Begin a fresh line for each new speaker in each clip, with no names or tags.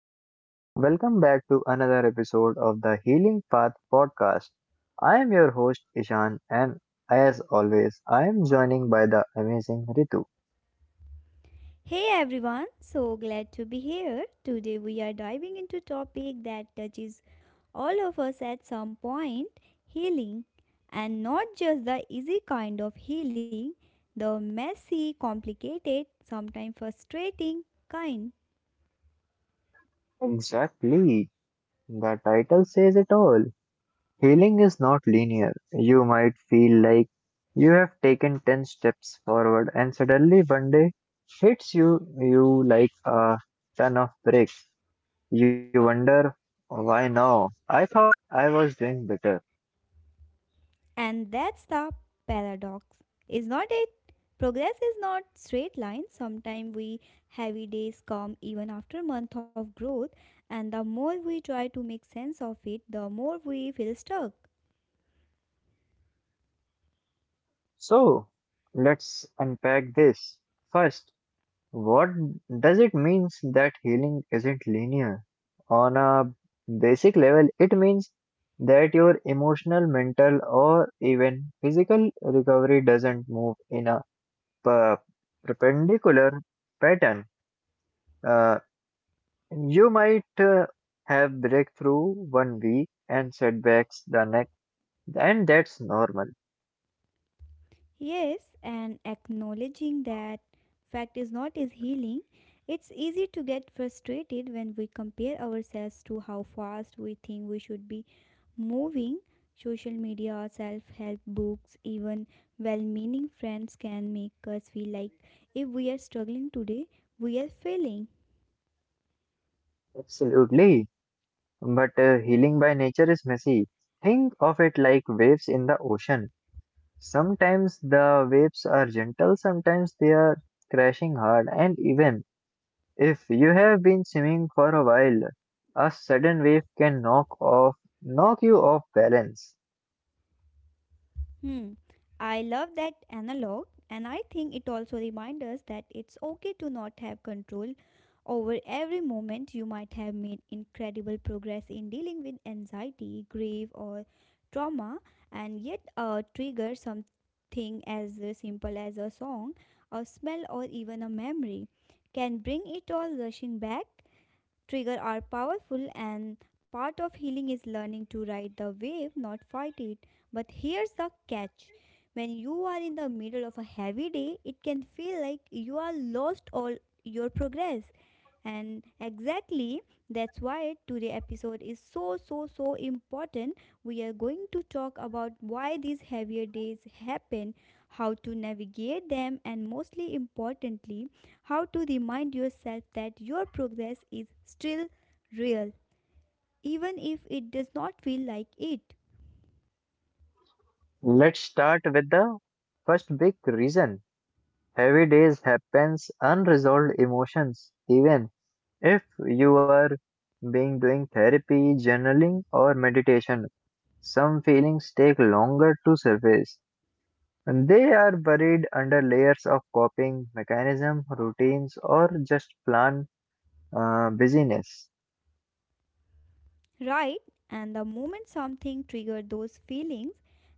and welcome back to another episode of the Healing Path podcast. I am your host, Ishan, and as always, I am joining by the amazing Ritu.
Hey everyone, so glad to be here. Today we are diving into a topic that touches all of us at some point, healing, and not just the easy kind of healing, the messy, complicated, sometimes frustrating kind.
Exactly. The title says it all. Healing is not linear. You might feel like you have taken 10 steps forward, and suddenly one day hits you, you like a ton of bricks. You wonder, why now? I thought I was doing better.
And that's the paradox, is not it? Progress is not straight line. Sometimes we heavy days come even after month of growth, and the more we try to make sense of it, the more we feel stuck.
So, let's unpack this. First, what does it mean that healing isn't linear? On a basic level, it means that your emotional, mental, or even physical recovery doesn't move in a per- perpendicular pattern. Uh, you might have breakthrough one week and setbacks the next, and that's normal.
Yes, and acknowledging that fact is not is healing. It's easy to get frustrated when we compare ourselves to how fast we think we should be moving. Social media, self help books, even well meaning friends can make us feel like if we are struggling today, we are failing.
Absolutely. But healing by nature is messy. Think of it like waves in the ocean. Sometimes the waves are gentle, sometimes they are crashing hard, and even if you have been swimming for a while, a sudden wave can knock you off balance.
Hmm. I love that analog, and I think it also reminds us that it's okay to not have control over every moment. You might have made incredible progress in dealing with anxiety, grief, or trauma, and yet trigger something as simple as a song, a smell, or even a memory can bring it all rushing back. Triggers are powerful and part of healing is learning to ride the wave, not fight it. But here's the catch. When you are in the middle of a heavy day, it can feel like you are lost all your progress and exactly that's why today episode is so so so important, we are going to talk about why these heavier days happen, how to navigate them, and mostly importantly how to remind yourself that your progress is still real even if it does not feel like it.
Let's start with the first big reason. Heavy days happens, unresolved emotions even if you are being doing therapy, journaling, or meditation, some feelings take longer to surface, and they are buried under layers of coping mechanism, routines, or just plan busyness.
Right? And the moment something triggers those feelings,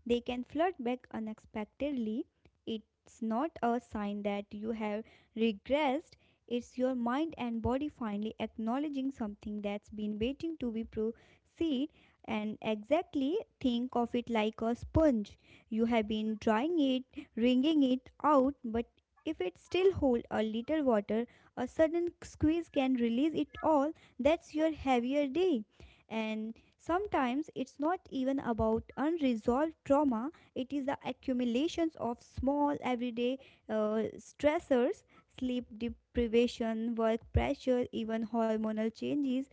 they can flood back unexpectedly. It's not a sign that you have regressed, it's your mind and body finally acknowledging something that's been waiting to be processed. And exactly think of it like a sponge. You have been drying it, wringing it out, but if it still holds a little water, a sudden squeeze can release it all. That's your heavier day, and sometimes it's not even about unresolved trauma, it is the accumulations of small everyday stressors, sleep deprivation, work pressure, even hormonal changes.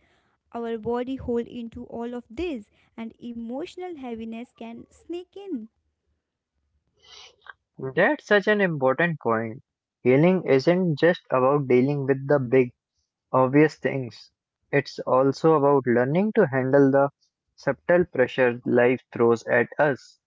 Our body hold into all of this and emotional heaviness can sneak in.
That's such an important point. Healing isn't just about dealing with the big, obvious things. It's also about learning to handle the subtle pressure life throws at us.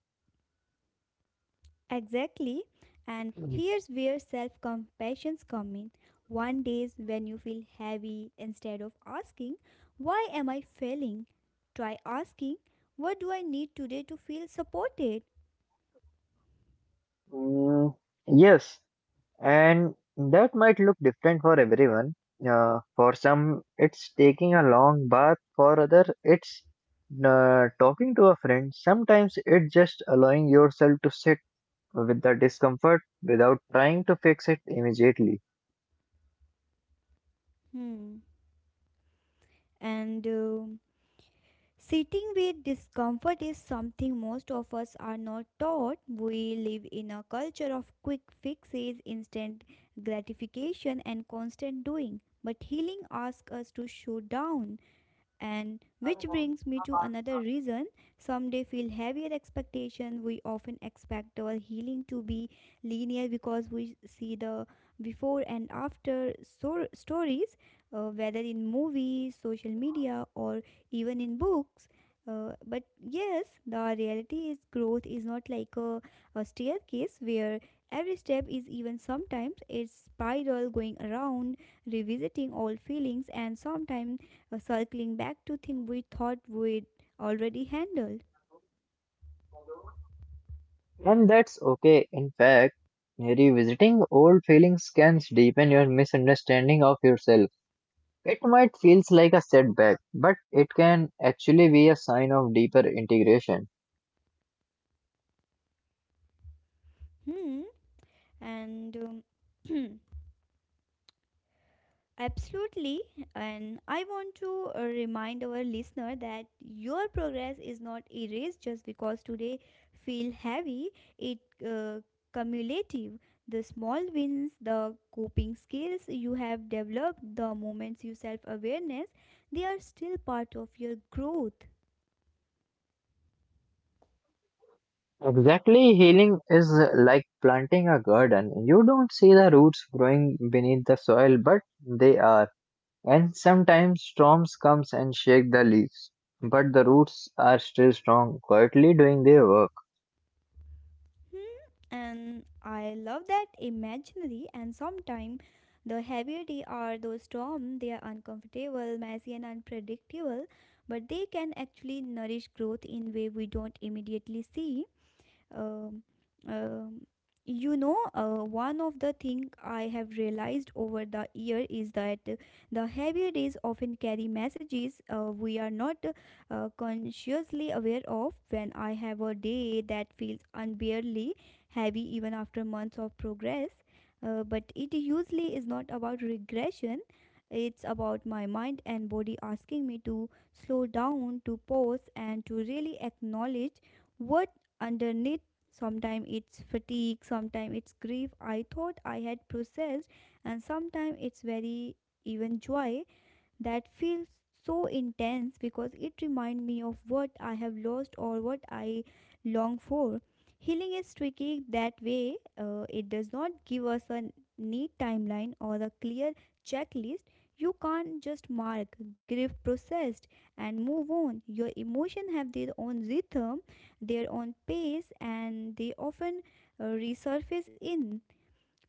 Exactly. And
Mm,
here's where self compassion comes in. One days when you feel heavy, instead of asking, "Why am I failing?" Try asking, "What do I need today to feel supported?"
mm, yes, and that might look different for everyone. For some, it's taking a long bath. For other, it's talking to a friend. Sometimes it's just allowing yourself to sit with the discomfort without trying to fix it immediately.
Hmm. And sitting with discomfort is something most of us are not taught. We live in a culture of quick fixes, instant gratification, and constant doing. But healing asks us to show down. And which brings me to another reason some day feel heavier expectation. We often expect our healing to be linear because we see the before and after stories, whether in movies, social media, or even in books. But yes, the reality is growth is not like a staircase where every step is even, sometimes it's spiral going around, revisiting old feelings and sometimes circling back to things we thought we'd already handled.
And that's okay. In fact, revisiting old feelings can deepen your misunderstanding of yourself. It might feels like a setback, but it can actually be a sign of deeper integration.
Hmm. And um, absolutely. And I want to remind our listener that your progress is not erased just because today feel heavy. It uh, cumulative. The small wins, the coping skills you have developed, the moments you self awareness, they are still part of your growth.
Exactly, healing is like planting a garden. You don't see the roots growing beneath the soil, but they are. And sometimes storms comes and shake the leaves, but the roots are still strong, quietly doing their work.
Hmm, and I love that imaginary, and sometimes the heavier they are, those storms, they are uncomfortable, messy and unpredictable, but they can actually nourish growth in way we don't immediately see. um, um, you know, one of the thing I have realized over the year is that the heavier days often carry messages we are not consciously aware of. When I have a day that feels unbearably heavy even after months of progress, but it usually is not about regression, it's about my mind and body asking me to slow down, to pause, and to really acknowledge what underneath. Sometimes it's fatigue, sometimes it's grief I thought I had processed, and sometimes it's very even joy that feels so intense because it reminds me of what I have lost or what I long for. Healing is tricky that way, it does not give us a neat timeline or a clear checklist. You can't just mark, grief processed, and move on. Your emotions have their own rhythm, their own pace, and they often resurface in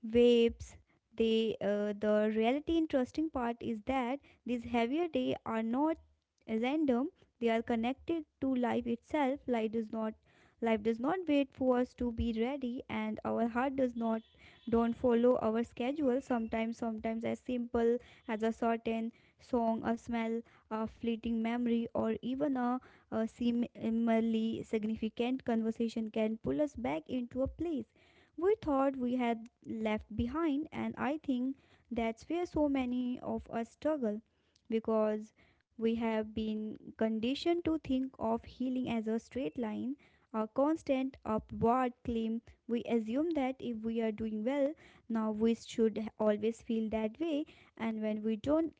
vapes. They, the reality interesting part is that these heavier day are not random. They are connected to life itself. Life does not wait for us to be ready, and our heart does not don't follow our schedule. Sometimes as simple as a certain song, a smell, a fleeting memory, or even a seemingly significant conversation can pull us back into a place we thought we had left behind, and I think that's where so many of us struggle because we have been conditioned to think of healing as a straight line, a constant upward climb. We assume that if we are doing well, now we should always feel that way, and when we don't,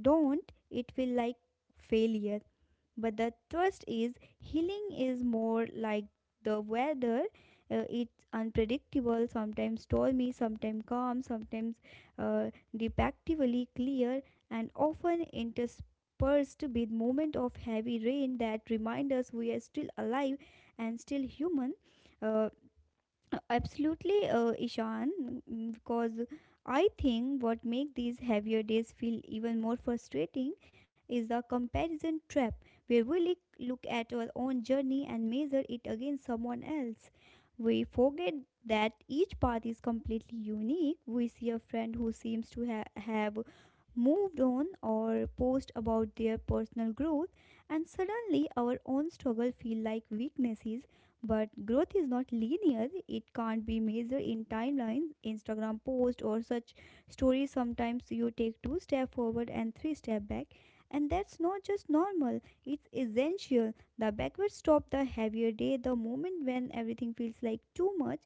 don't, it feel like failure. But the twist is healing is more like the weather. It's unpredictable, sometimes stormy, sometimes calm, sometimes uh, deceptively clear, and often interspersed with moments of heavy rain that remind us we are still alive and still human. Uh, Absolutely, Ishan, mm, because I think what makes these heavier days feel even more frustrating is the comparison trap, where we look at our own journey and measure it against someone else. We forget that each path is completely unique. We see a friend who seems to have moved on or post about their personal growth, and suddenly our own struggle feel like weaknesses. But growth is not linear, it can't be measured in timelines, Instagram post, or such stories. Sometimes you take two steps forward and three steps back, and that's not just normal, it's essential. The backward stop, the heavier day, the moment when everything feels like too much,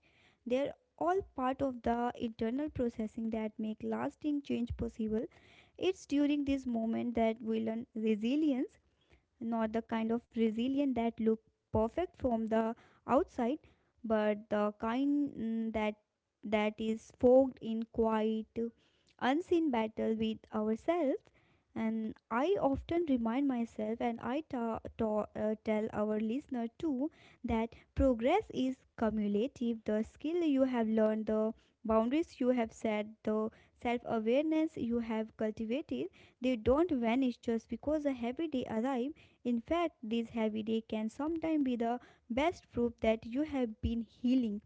they're all part of the internal processing that make lasting change possible. It's during this moment that we learn resilience, not the kind of resilient that look perfect from the outside, but the kind, mm, that is fogged in quiet, unseen battle with ourselves. And I often remind myself, and I tell our listener too, that progress is cumulative. The skill you have learned, the boundaries you have set, the self awareness you have cultivated, they don't vanish just because a heavy day arrives. In fact, these heavy days can sometimes be the best proof that you have been healing.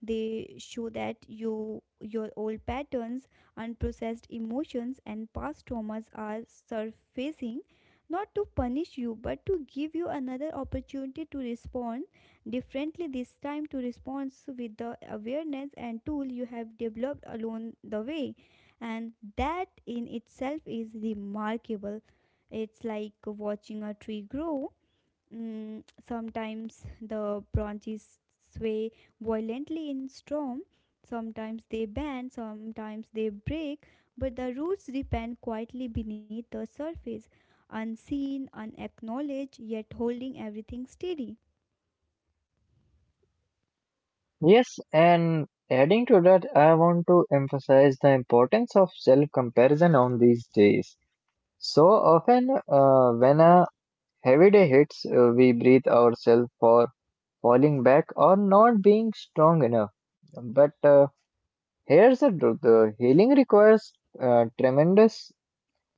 They show that you your old patterns, unprocessed emotions and past traumas are surfacing not to punish you but to give you another opportunity to respond differently this time, to respond with the awareness and tool you have developed along the way, and that in itself is remarkable. It's like watching a tree grow. Mm, sometimes the branches sway violently in storm, sometimes they bend, sometimes they break, but the roots depend quietly beneath the surface, unseen, unacknowledged, yet holding everything steady.
Yes, and adding to that, I want to emphasize the importance of self-comparison on these days. So often, when a heavy day hits, we breathe ourselves for falling back or not being strong enough. But here's the truth, healing requires, uh, tremendous,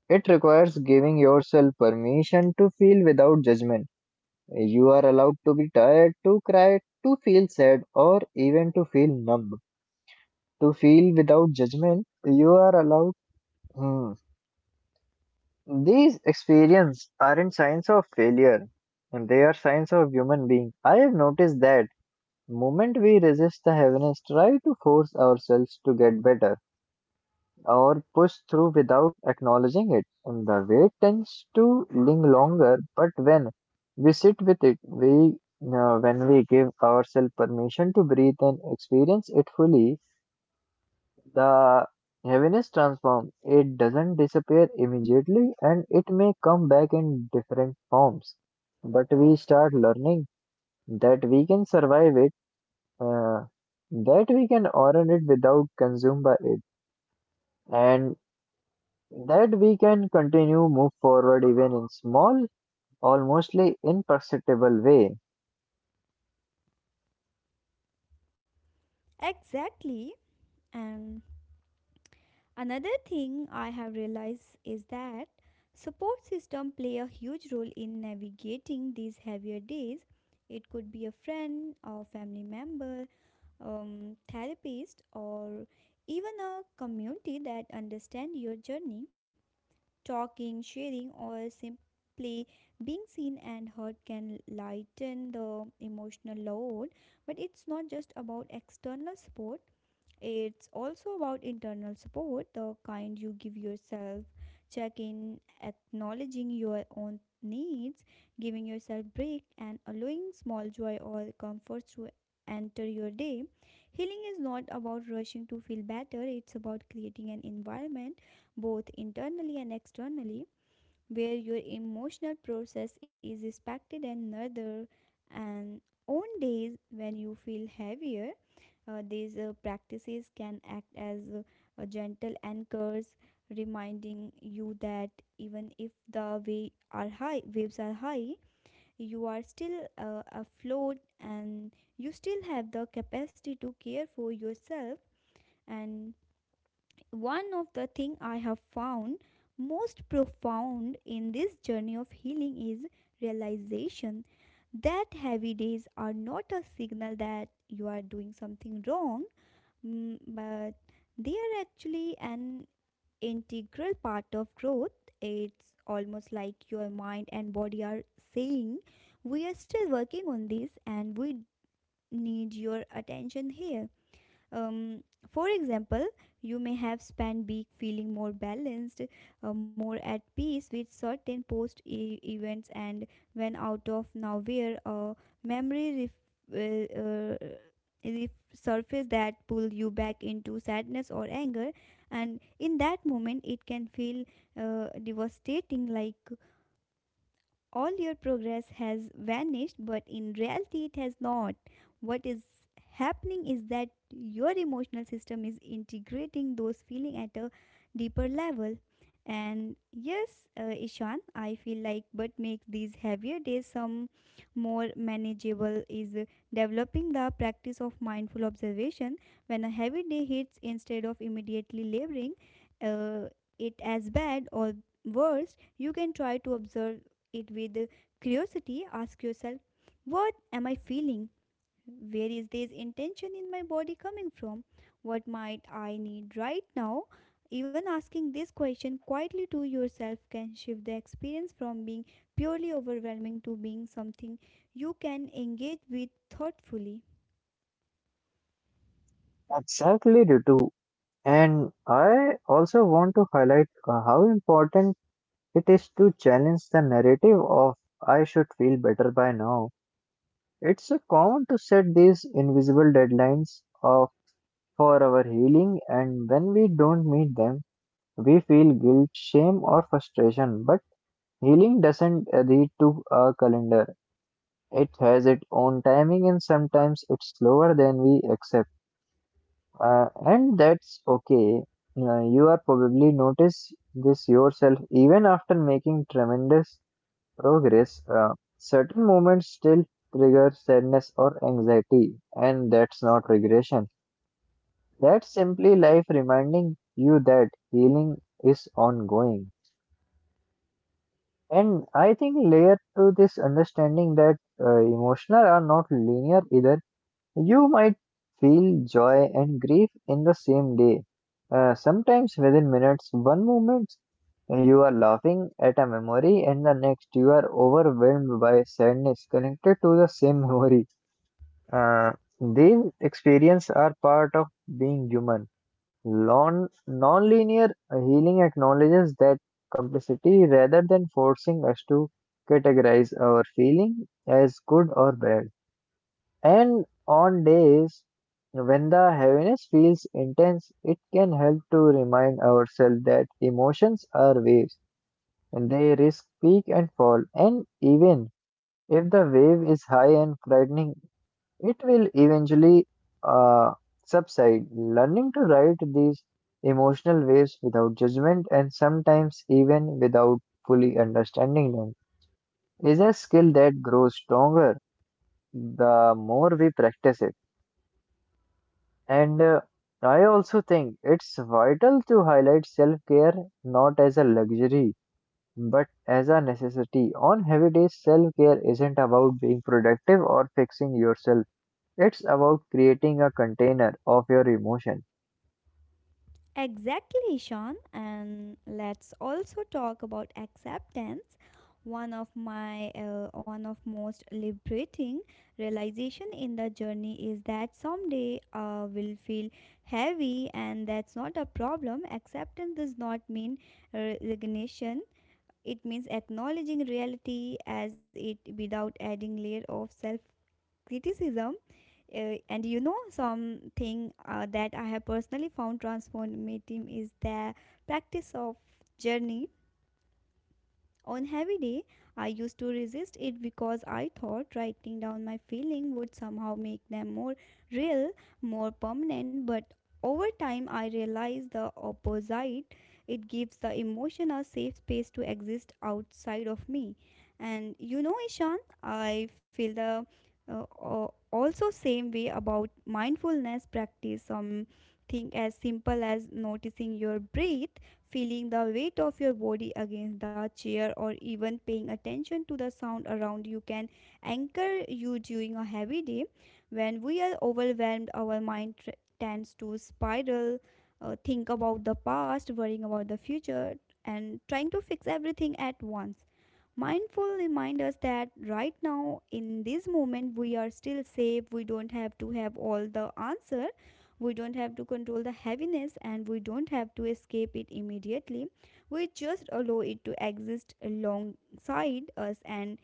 it requires giving yourself permission to feel without judgment. You are allowed to be tired, to cry, to feel sad, or even to feel numb. To feel without judgment, you are allowed. Hmm. These experiences aren't signs of failure, and they are signs of human being. I have noticed that moment we resist the heaviness, try to force ourselves to get better or push through without acknowledging it. And the weight tends to linger longer, but when we sit with it, we when we give ourselves permission to breathe and experience it fully, the heaviness transforms. It doesn't disappear immediately, and it may come back in different forms. But we start learning that we can survive it, uh, that we can honor it without consumed by it. And that we can continue move forward even in small, almostly imperceptible way.
Exactly. And another thing I have realized is that support system play a huge role in navigating these heavier days. It could be a friend or family member, therapist, or even a community that understand your journey. Talking, sharing, or simply being seen and heard can lighten the emotional load. But it's not just about external support, it's also about internal support, the kind you give yourself, check in, acknowledging your own needs, giving yourself break, and allowing small joy or comfort to enter your day. Healing is not about rushing to feel better, it's about creating an environment, both internally and externally, where your emotional process is respected and nurtured, and on days when you feel heavier these practices can act as a gentle anchors, reminding you that even if the waves are high, you are still afloat, and you still have the capacity to care for yourself. And one of the thing I have found most profound in this journey of healing is realization that heavy days are not a signal that you are doing something wrong. Mm, but they are actually an integral part of growth. It's almost like your mind and body are saying, "We are still working on this and we need your attention here." Um, for example, you may have spent week feeling more balanced, more at peace with certain post e- events, and when out of nowhere, a memory resurface that pull you back into sadness or anger, and in that moment, it can feel devastating, like all your progress has vanished, but in reality, it has not. What is happening is that your emotional system is integrating those feelings at a deeper level. And yes, Ishan, I feel like but makes these heavier days some more manageable is developing the practice of mindful observation. When a heavy day hits, instead of immediately labeling uh, it as bad or worse, you can try to observe it with curiosity, ask yourself, what am I feeling? Where is this intention in my body coming from? What might I need right now? Even asking this question quietly to yourself can shift the experience from being purely overwhelming to being something you can engage with thoughtfully.
Exactly, Ritu. And I also want to highlight how important it is to challenge the narrative of I should feel better by now. It's so common to set these invisible deadlines of for our healing, and when we don't meet them, we feel guilt, shame, or frustration. But healing doesn't lead to a calendar. It has its own timing, and sometimes it's slower than we accept, and that's okay. You are probably notice this yourself even after making tremendous progress. Certain moments still trigger sadness or anxiety, and that's not regression. That's simply life reminding you that healing is ongoing. And I think layer to this understanding that emotional are not linear either. You might feel joy and grief in the same day, sometimes within minutes. One moment you are laughing at a memory, and the next you are overwhelmed by sadness connected to the same memory. Uh, these experiences are part of being human. Non linear healing acknowledges that complexity rather than forcing us to categorize our feeling as good or bad. And on days when the heaviness feels intense, it can help to remind ourselves that emotions are waves and they risk peak and fall. And even if the wave is high and frightening, it will eventually uh, subside. Learning to ride these emotional waves without judgment, and sometimes even without fully understanding them, is a skill that grows stronger the more we practice it. And I also think it's vital to highlight self care not as a luxury but as a necessity. On heavy days, self care isn't about being productive or fixing yourself, it's about creating a container of your emotion.
Exactly, Sean. And let's also talk about acceptance. One of my one of most liberating realization in the journey is that someday will feel heavy, and that's not a problem. Acceptance does not mean resignation. It means acknowledging reality as it without adding layer of self criticism and you know something that I have personally found transformative is the practice of journey on heavy day, I used to resist it because I thought writing down my feeling would somehow make them more real, more permanent, but over time I realized the opposite. It gives the emotion a safe space to exist outside of me. And you know, Ishan, I feel the also same way about mindfulness practice something as simple as noticing your breath feeling the weight of your body against the chair, or even paying attention to the sound around you can anchor you during a heavy day. When we are overwhelmed, our mind tends to spiral, think about the past, worrying about the future, and trying to fix everything at once. Mindful remind us that right now, in this moment, we are still safe. We don't have to have all the answer. We don't have to control the heaviness and we don't have to escape it immediately. We just allow it to exist alongside us and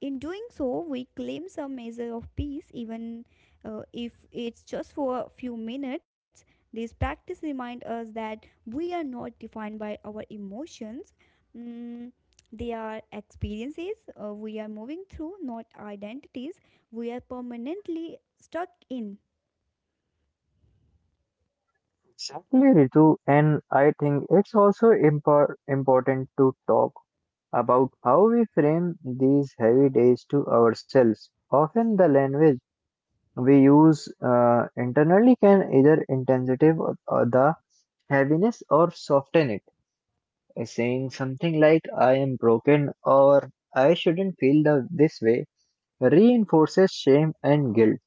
in doing so, we claim some measure of peace, even if it's just for a few minutes. This practice reminds us that we are not defined by our emotions. Mm, they are experiences we are moving through, not identities we are permanently stuck in.
Exactly, Ritu, and I think it's also important to talk about how we frame these heavy days to ourselves. Often the language we use internally can either intensive or the heaviness or soften it by saying something like I am broken or I shouldn't feel this way reinforces shame and guilt,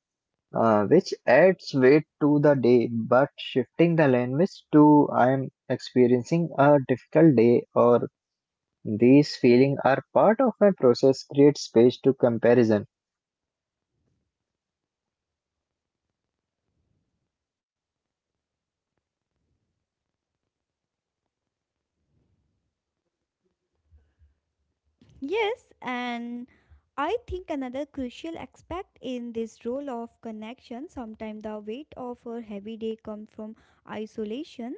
which adds weight to the day. But shifting the language to I am experiencing a difficult day or these feelings are part of my process creates space to comparison.
Yes, and I think another crucial aspect in this role of connection, sometimes the weight of our heavy day comes from isolation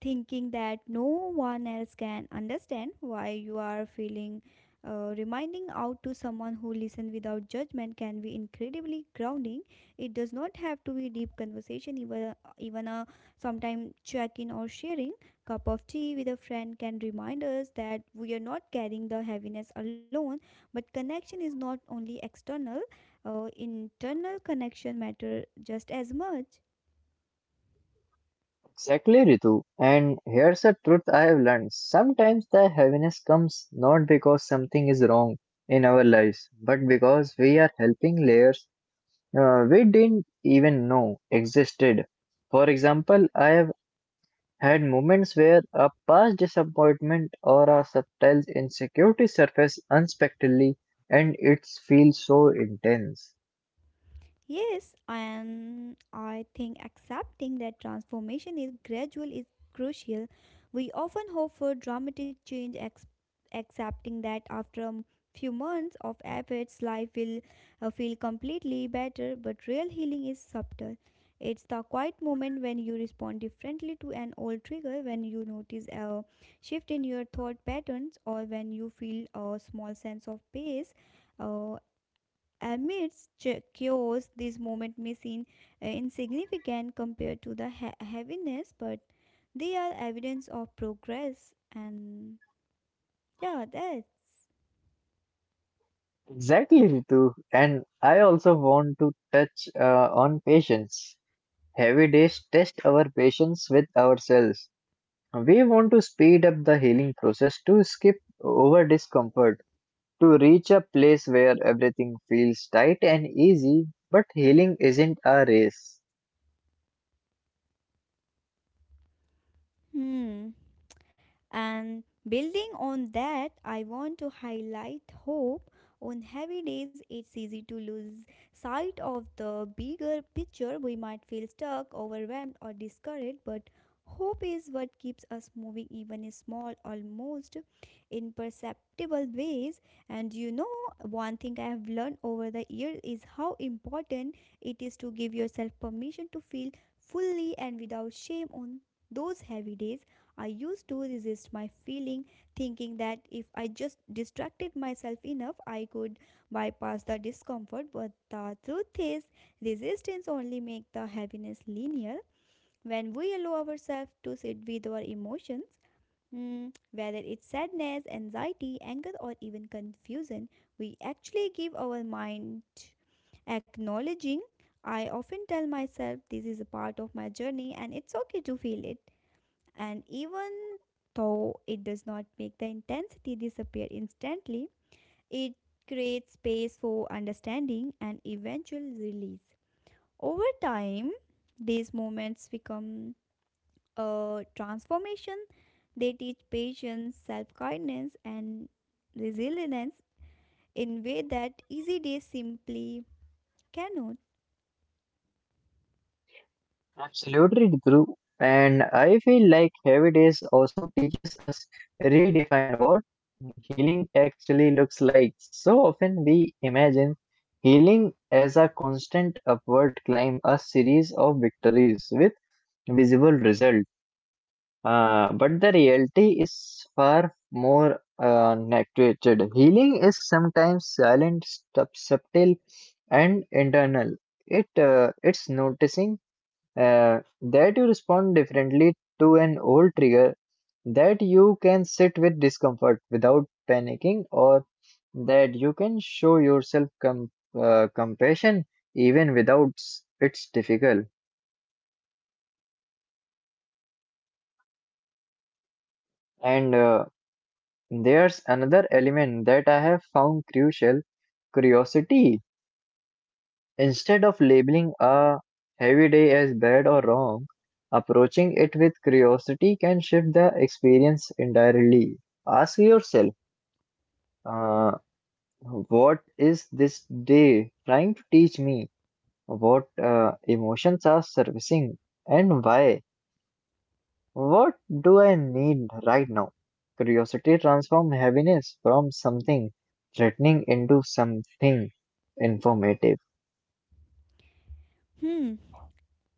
thinking that no one else can understand why you are feeling reminding out to someone who listens without judgment can be incredibly grounding it does not have to be deep conversation even a sometime check-in or sharing cup of tea with a friend can remind us that we are not carrying the heaviness alone but connection is not only external, internal connection matter just as much.
Exactly, Ritu. And here's a truth I have learned. Sometimes the heaviness comes not because something is wrong in our lives, but because we are helping layers we didn't even know existed. For example, I have had moments where a past disappointment or a subtle insecurity surface unexpectedly, and it feels so intense.
Yes, and I think accepting that transformation is gradual is crucial. We often hope for dramatic change, accepting that after a few months of efforts, life will feel completely better. But real healing is subtle. It's the quiet moment when you respond differently to an old trigger, when you notice a shift in your thought patterns, or when you feel a small sense of peace. Uh, Amidst chaos, this moment may seem insignificant compared to the heaviness, but they are evidence of progress. And yeah, that.
Exactly, Ritu. And I also want to touch on patience. Heavy days test our patience with ourselves. We want to speed up the healing process to skip over discomfort, to reach a place where everything feels tight and easy, but healing isn't a race.
Hmm. And building on that, I want to highlight hope. On heavy days, it's easy to lose sight of the bigger picture. We might feel stuck, overwhelmed, or discouraged, but hope is what keeps us moving, even in small, almost imperceptible ways. And you know, one thing I have learned over the years is how important it is to give yourself permission to feel fully and without shame on those heavy days. I used to resist my feeling, thinking that if I just distracted myself enough, I could bypass the discomfort. But the truth is, resistance only makes the heaviness linear. When we allow ourselves to sit with our emotions, mm, whether it's sadness, anxiety, anger, or even confusion, we actually give our mind acknowledging. I often tell myself this is a part of my journey and it's okay to feel it. And even though it does not make the intensity disappear instantly, it creates space for understanding and eventual release. Over time, these moments become a transformation. They teach patience, self kindness, and resilience in way that easy days simply cannot.
Absolutely true. And I feel like heavy days also teaches us redefine what healing actually looks like. So often we imagine healing as a constant upward climb, a series of victories with visible result. But the reality is far more neglected. Healing is sometimes silent, subtle, and internal. It's noticing that you respond differently to an old trigger, that you can sit with discomfort without panicking, or that you can show yourself compassion even without s- it's difficult. And there's another element that I have found crucial, curiosity. Instead of labeling a heavy day as bad or wrong, approaching it with curiosity can shift the experience entirely. Ask yourself, uh, what is this day trying to teach me? What emotions are surfacing and why? What do I need right now? Curiosity transforms heaviness from something threatening into something informative.
Hmm.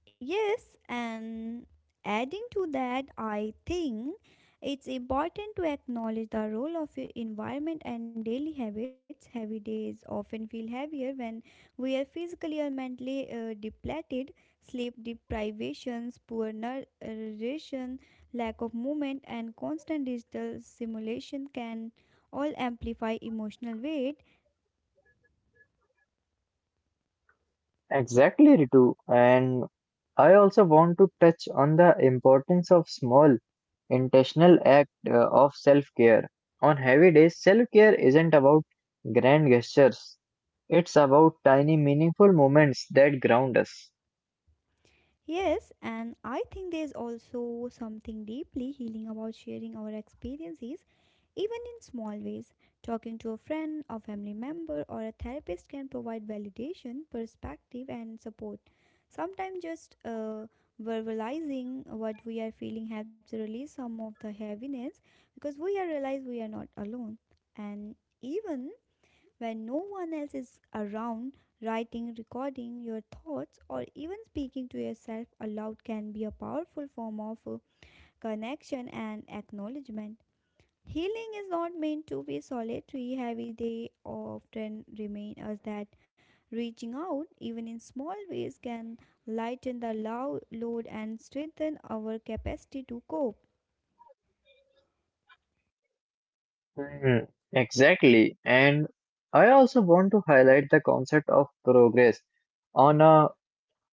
Yes, and adding to that, I think it's important to acknowledge the role of your environment and daily habits. Heavy days often feel heavier when we are physically or mentally depleted. Sleep deprivations, poor nutrition, lack of movement, and constant digital stimulation can all amplify emotional weight.
Exactly, Ritu. And I also want to touch on the importance of small intentional act of self-care. On heavy days, self-care isn't about grand gestures. It's about tiny meaningful moments that ground us.
Yes, and I think there's also something deeply healing about sharing our experiences, even in small ways. Talking to a friend, a family member, or a therapist can provide validation, perspective, and support. Sometimes just verbalizing what we are feeling helps release some of the heaviness because we are realize we are not alone. And even when no one else is around, writing, recording your thoughts, or even speaking to yourself aloud can be a powerful form of connection and acknowledgement. Healing is not meant to be solitary, heavy, they often remind us that. Reaching out, even in small ways, can lighten the low load and strengthen our capacity to cope.
Mhm, exactly. And I also want to highlight the concept of progress on a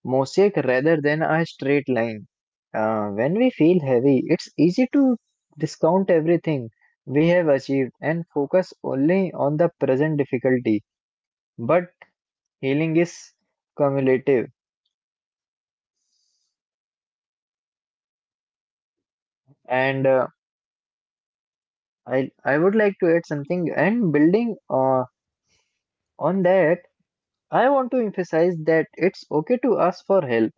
mosaic rather than a straight line. When we feel heavy, it's easy to discount everything we have achieved and focus only on the present difficulty. But healing is cumulative. And I would like to add something, and building on that, I want to emphasize that it's okay to ask for help.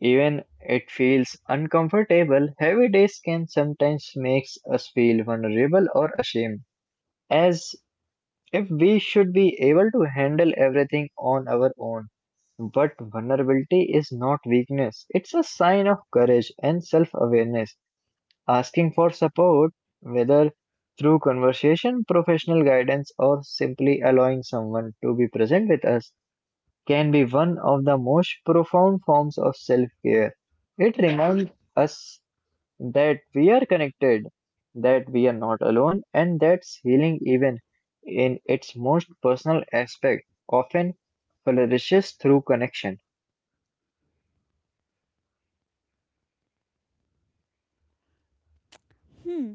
Even it feels uncomfortable, heavy days can sometimes makes us feel vulnerable or ashamed, as if we should be able to handle everything on our own. But vulnerability is not weakness, it's a sign of courage and self awareness. Asking for support, whether through conversation, professional guidance, or simply allowing someone to be present with us, can be one of the most profound forms of self care. It reminds us that we are connected, that we are not alone, and that's healing, even in its most personal aspect, often flourishes through connection.
Hmm.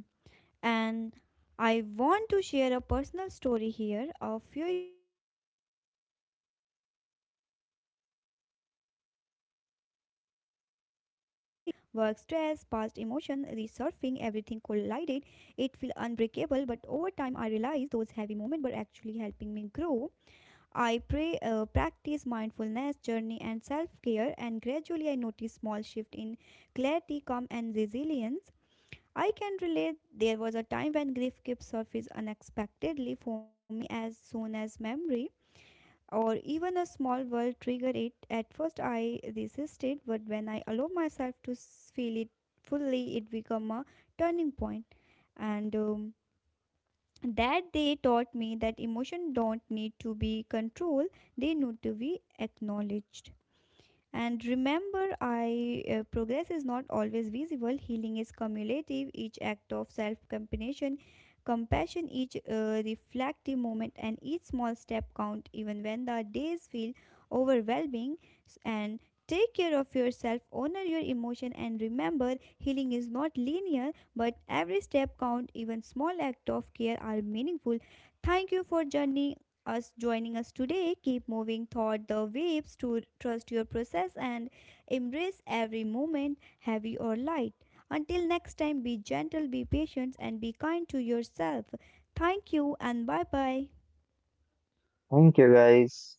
And I want to share a personal story here. A few years ago, I experienced a particular heavy week. Work stress, past emotion, resurfing, everything collided. It felt unbreakable, but over time I realized those heavy moments were actually helping me grow. I pray, practice mindfulness, journey, and self care, and gradually I noticed small shift in clarity, calm, and resilience. I can relate. There was a time when grief kept surface unexpectedly for me as soon as memory or even a small world triggered it. At first I resisted, but when I allow myself to feel it fully, it became a turning point. And that they taught me that emotion don't need to be controlled; they need to be acknowledged. And remember, I progress is not always visible. Healing is cumulative. Each act of compassion, each reflective moment, and each small step count. Even when the days feel overwhelming, and take care of yourself. Honor your emotion, and remember, healing is not linear, but every step count. Even small act of care are meaningful. Thank you for journey us joining us today. Keep moving toward the waves to trust your process and embrace every moment, heavy or light. Until next time, be gentle, be patient, and be kind to yourself. Thank you and bye bye.
Thank you, guys.